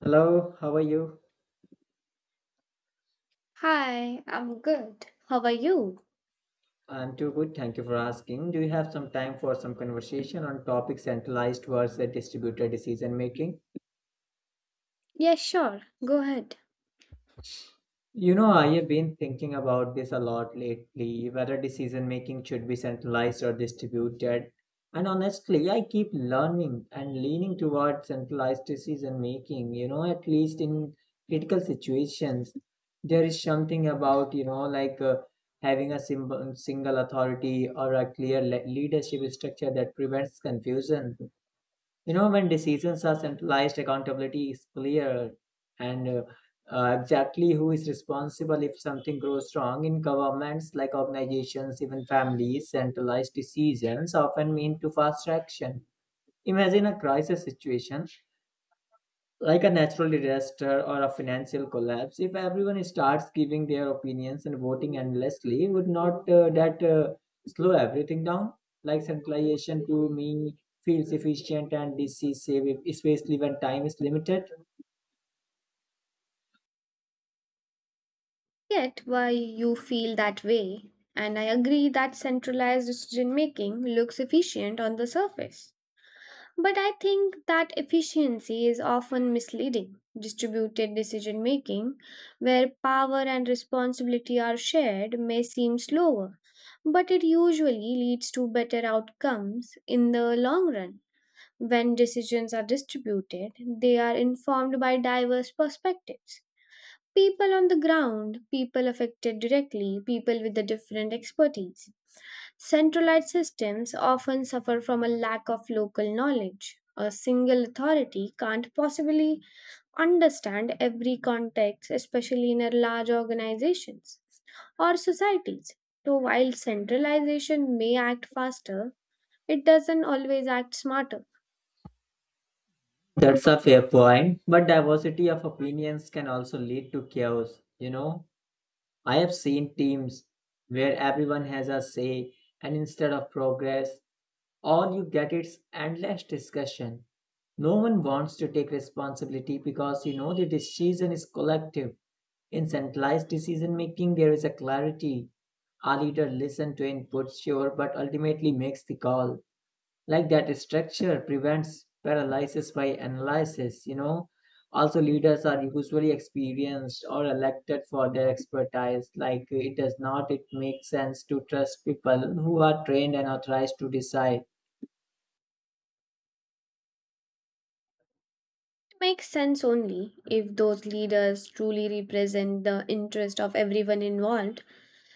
Hello, how are you? Hi, I'm good. How are you? I'm too good. Thank you for asking. Do you have some time for some conversation on topic centralized versus distributed decision making? Yeah, sure. Go ahead. I have been thinking about this a lot lately, whether decision making should be centralized or distributed. And honestly, I keep learning and leaning towards centralized decision making, at least in critical situations. There is something about, having a single authority or a clear leadership structure that prevents confusion. You know, when decisions are centralized, accountability is clear and exactly who is responsible if something goes wrong in governments, like organizations, even families. Centralized decisions often mean to fast action. Imagine a crisis situation like a natural disaster or a financial collapse. If everyone starts giving their opinions and voting endlessly, would not that slow everything down? Like centralization to me feels efficient and decisive especially when time is limited. Yet, why you feel that way? And I agree that centralized decision making looks efficient on the surface. But I think that efficiency is often misleading. Distributed decision making, where power and responsibility are shared, may seem slower, but it usually leads to better outcomes in the long run. When decisions are distributed, they are informed by diverse perspectives people on the ground, people affected directly, people with a different expertise. Centralized systems often suffer from a lack of local knowledge. A single authority can't possibly understand every context, especially in a large organizations or societies. So, while centralization may act faster, it doesn't always act smarter. That's a fair point, but diversity of opinions can also lead to chaos. I have seen teams where everyone has a say, and instead of progress, all you get is endless discussion. No one wants to take responsibility because the decision is collective. In centralized decision making, there is a clarity. A leader listens to input, sure, but ultimately makes the call. Like that structure prevents paralysis by analysis. Also leaders are usually experienced or elected for their expertise. It does not, it makes sense to trust people who are trained and authorized to decide. Makes sense only if those leaders truly represent the interest of everyone involved,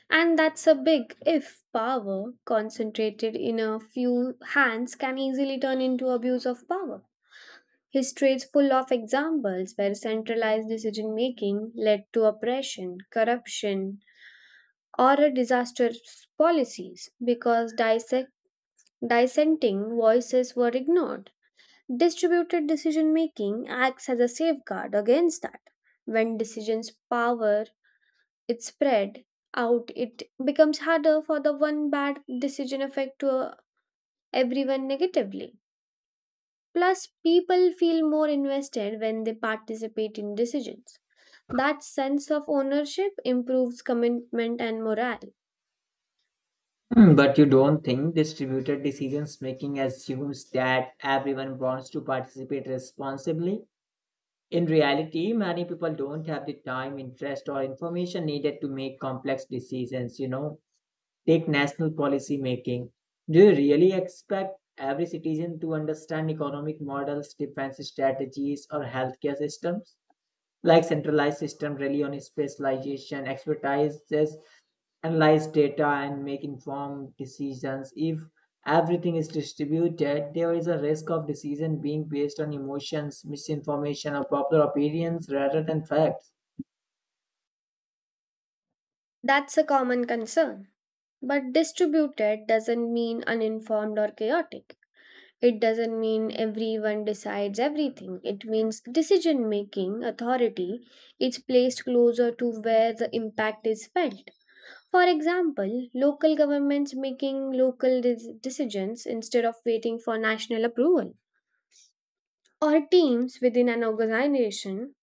and that's a big if power concentrated in a few hands can easily turn into abuse of power. History is full of examples where centralized decision making led to oppression, corruption, or a disastrous policies because dissenting voices were ignored. Distributed decision making acts as a safeguard against that. When decisions power is spread out, it becomes harder for the one bad decision affect to everyone negatively. Plus, people feel more invested when they participate in decisions. That sense of ownership improves commitment and morale. Hmm, but you don't think distributed decisions making assumes that everyone wants to participate responsibly? In reality many people don't have the time, interest, or information needed to make complex decisions. Take national policy making. Do you really expect every citizen to understand economic models, defense strategies, or healthcare systems? Like centralized systems rely on specialization, expertise, analyze data, and make informed decisions. If everything is distributed, there is a risk of decision being based on emotions, misinformation, or popular opinions rather than facts. That's a common concern. But distributed doesn't mean uninformed or chaotic. It doesn't mean everyone decides everything. It means decision making authority is placed closer to where the impact is felt. For example, local governments making decisions instead of waiting for national approval, or teams within an organization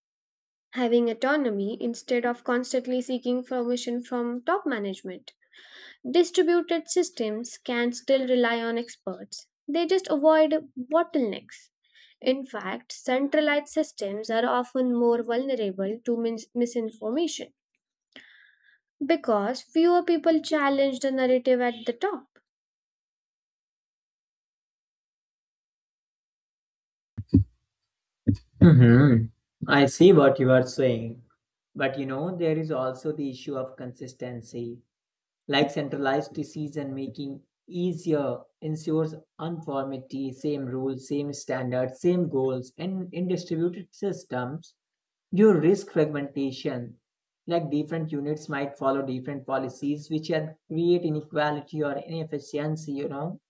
having autonomy instead of constantly seeking permission from top management. Distributed systems can still rely on experts, they just avoid bottlenecks. In fact, centralized systems are often more vulnerable to misinformation because fewer people challenge the narrative at the top. Hmm, I see what you are saying. But you know, there is also the issue of consistency. Like centralized decision making easier ensures uniformity, same rules, same standards, same goals, and in distributed systems, you risk fragmentation. Like different units might follow different policies, which can create inequality or inefficiency,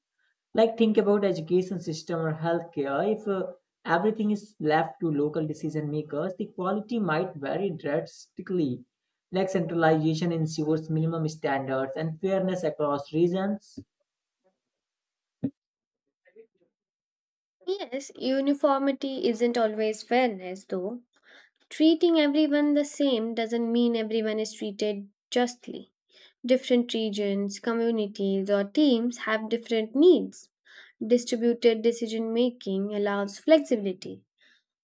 like think about education system or healthcare. If everything is left to local decision makers, the quality might vary drastically. Like centralization ensures minimum standards and fairness across regions. Yes, uniformity isn't always fairness, though. Treating everyone the same doesn't mean everyone is treated justly. Different regions, communities, or teams have different needs. Distributed decision making allows flexibility.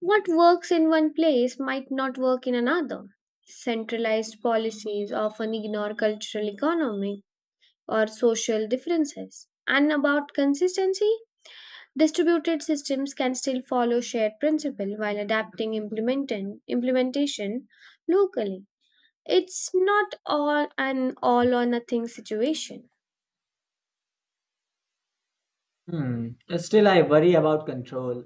What works in one place might not work in another. Centralized policies often ignore cultural, economic, or social differences. And about consistency, distributed systems can still follow shared principle while adapting implementation locally. It's not all an all or nothing situation. Hmm. Still I worry about control.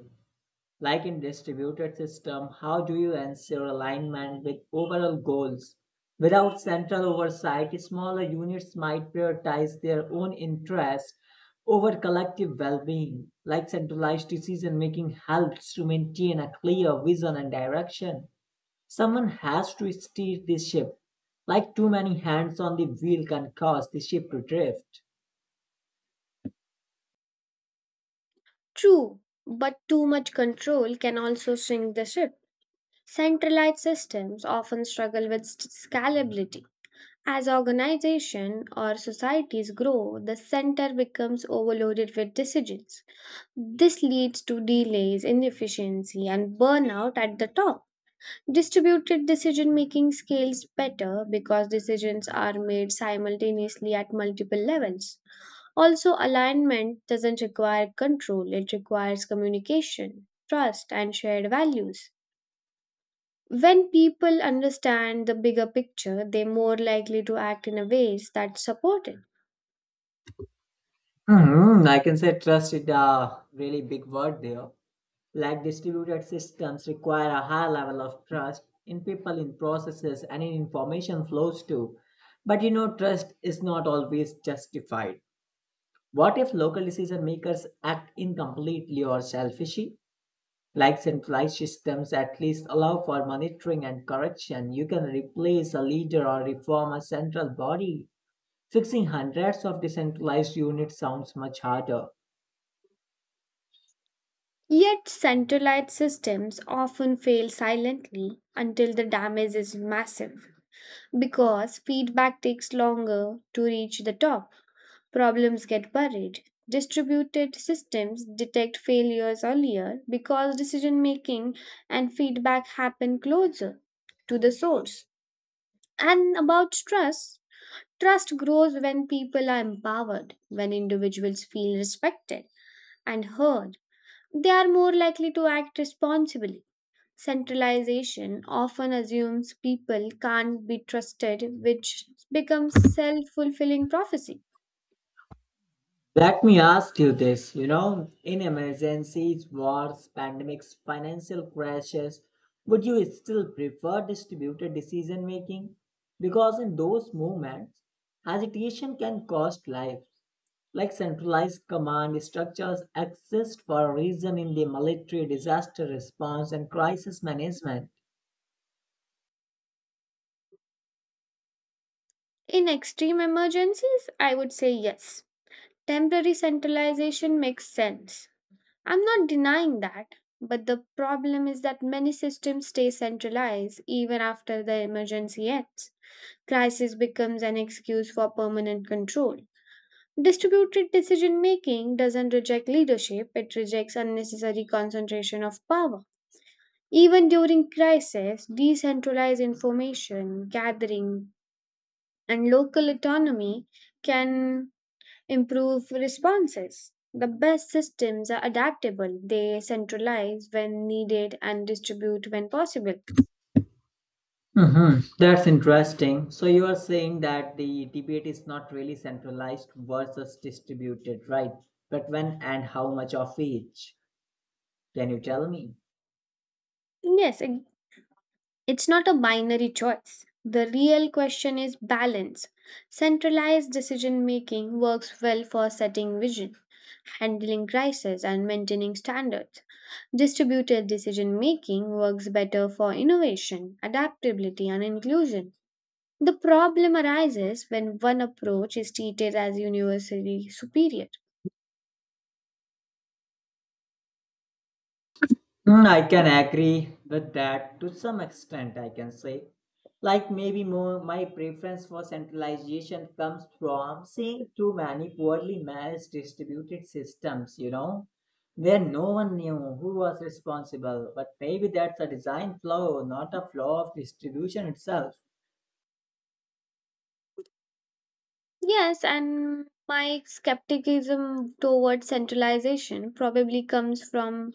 Like in distributed system, how do you ensure alignment with overall goals? Without central oversight, smaller units might prioritize their own interests over collective well-being. Like centralized decision-making helps to maintain a clear vision and direction. Someone has to steer this ship. Like too many hands on the wheel can cause the ship to drift. True, but too much control can also sink the ship. Centralized systems often struggle with scalability. As organization or societies grow, the center becomes overloaded with decisions. This leads to delays, inefficiency, and burnout at the top. Distributed decision making scales better because decisions are made simultaneously at multiple levels. Also, alignment doesn't require control, it requires communication, trust, and shared values. When people understand the bigger picture, they're more likely to act in a ways that support it. Hmm, I can say trust is a really big word there. Like distributed systems require a high level of trust in people, in processes, and in information flows too. But you know, trust is not always justified. What if local decision makers act incompletely or selfishly? Like centralized systems at least allow for monitoring and correction. You can replace a leader or reform a central body. Fixing hundreds of decentralized units sounds much harder. Yet centralized systems often fail silently until the damage is massive because feedback takes longer to reach the top. Problems get buried. Distributed systems detect failures earlier because decision making and feedback happen closer to the source. And about stress, trust grows when people are empowered, when individuals feel respected and heard. They are more likely to act responsibly. Centralization often assumes people can't be trusted, which becomes self fulfilling prophecy. Let me ask you this, you know, in emergencies, wars, pandemics, financial crashes, would you still prefer distributed decision making? Because in those moments, hesitation can cost lives. Like centralized command structures exist for a reason in the military, disaster response, and crisis management. In extreme emergencies, I would say yes. Temporary centralization makes sense. I'm not denying that, but the problem is that many systems stay centralized even after the emergency ends. Crisis becomes an excuse for permanent control. Distributed decision making doesn't reject leadership, it rejects unnecessary concentration of power. Even during crisis, decentralized information gathering and local autonomy can improve responses. The best systems are adaptable, they centralize when needed and distribute when possible. Hmm. That's interesting. So you are saying that the debate is not really centralized versus distributed, right? But when and how much of each? Can you tell me? Yes, it's not a binary choice. The real question is balance. Centralized decision making works well for setting vision, handling crisis, and maintaining standards. Distributed decision making works better for innovation, adaptability, and inclusion. The problem arises when one approach is treated as universally superior. Mm, I can agree with that to some extent, I can say. Like maybe more my preference for centralization comes from seeing too many poorly managed distributed systems, you know, where no one knew who was responsible. But maybe that's a design flaw, not a flaw of distribution itself. Yes, and my skepticism towards centralization probably comes from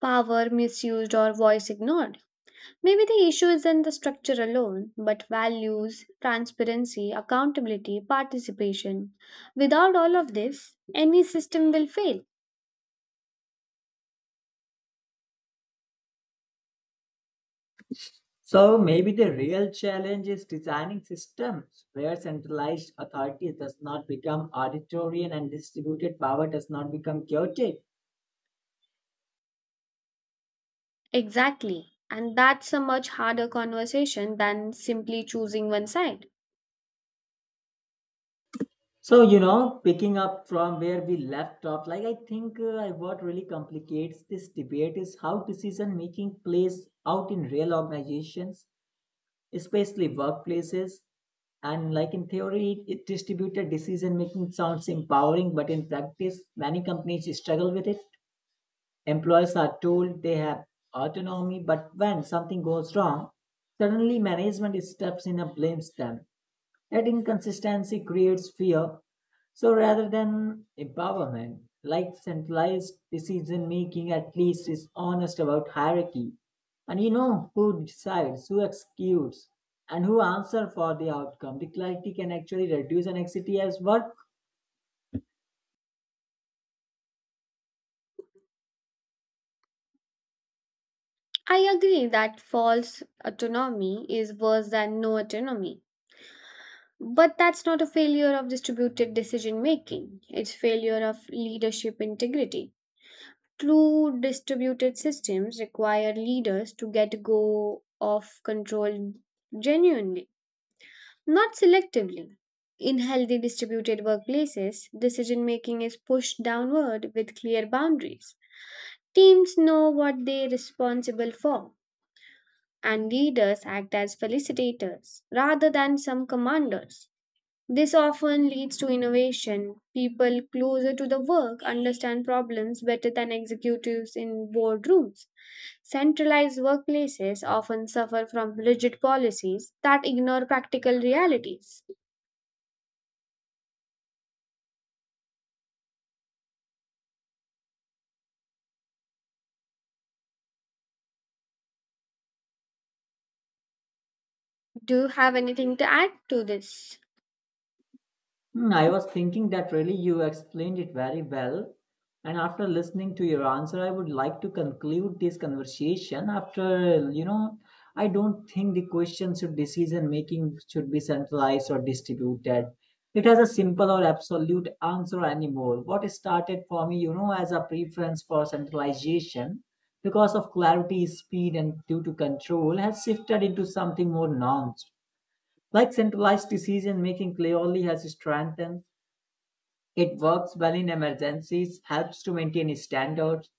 power misused or voice ignored. Maybe the issue isn't the structure alone, but values, transparency, accountability, participation. Without all of this, any system will fail. So maybe the real challenge is designing systems where centralized authority does not become authoritarian and distributed power does not become chaotic. Exactly. And that's a much harder conversation than simply choosing one side. So, you know, picking up from where we left off, like I think what really complicates this debate is how decision making plays out in real organizations, especially workplaces. And like in theory, distributed decision making sounds empowering, but in practice, many companies struggle with it. Employees are told they have autonomy, but when something goes wrong, suddenly management steps in and blames them. That inconsistency creates fear. So rather than empowerment, like centralized decision making at least is honest about hierarchy. And you know who decides, who executes, and who answer for the outcome. The clarity can actually reduce anxiety as work. I agree that false autonomy is worse than no autonomy. But that's not a failure of distributed decision making. It's failure of leadership integrity. True distributed systems require leaders to get go of control genuinely, not selectively. In healthy distributed workplaces, decision making is pushed downward with clear boundaries. Teams know what they're responsible for, and leaders act as facilitators rather than some commanders. This often leads to innovation. People closer to the work understand problems better than executives in boardrooms. Centralized workplaces often suffer from rigid policies that ignore practical realities. Do you have anything to add to this? Hmm, I was thinking that really you explained it very well. And after listening to your answer, I would like to conclude this conversation. After, you know, I don't think the question should decision making should be centralized or distributed. It has a simple or absolute answer anymore. What started for me, you know, as a preference for centralization because of clarity, speed, and due to control has shifted into something more nuanced. Like centralized decision making clearly has strengthened, it works well in emergencies, helps to maintain standards,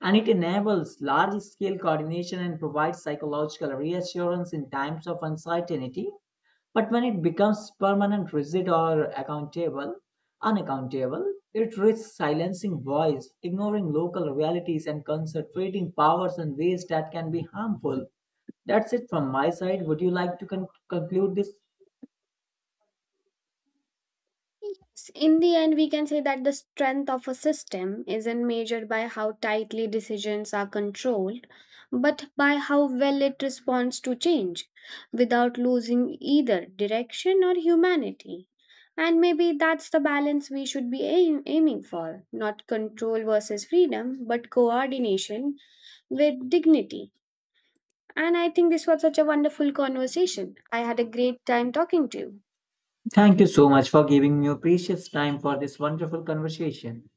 and it enables large scale coordination and provides psychological reassurance in times of uncertainty. But when it becomes permanent, rigid, or accountable, unaccountable, it risks silencing voice, ignoring local realities, and concentrating powers in ways that can be harmful. That's it from my side. Would you like to conclude this? Yes, in the end, we can say that the strength of a system isn't measured by how tightly decisions are controlled, but by how well it responds to change without losing either direction or humanity. And maybe that's the balance we should be aiming for not control versus freedom, but coordination with dignity. And I think this was such a wonderful conversation. I had a great time talking to you. Thank you so much for giving me your precious time for this wonderful conversation.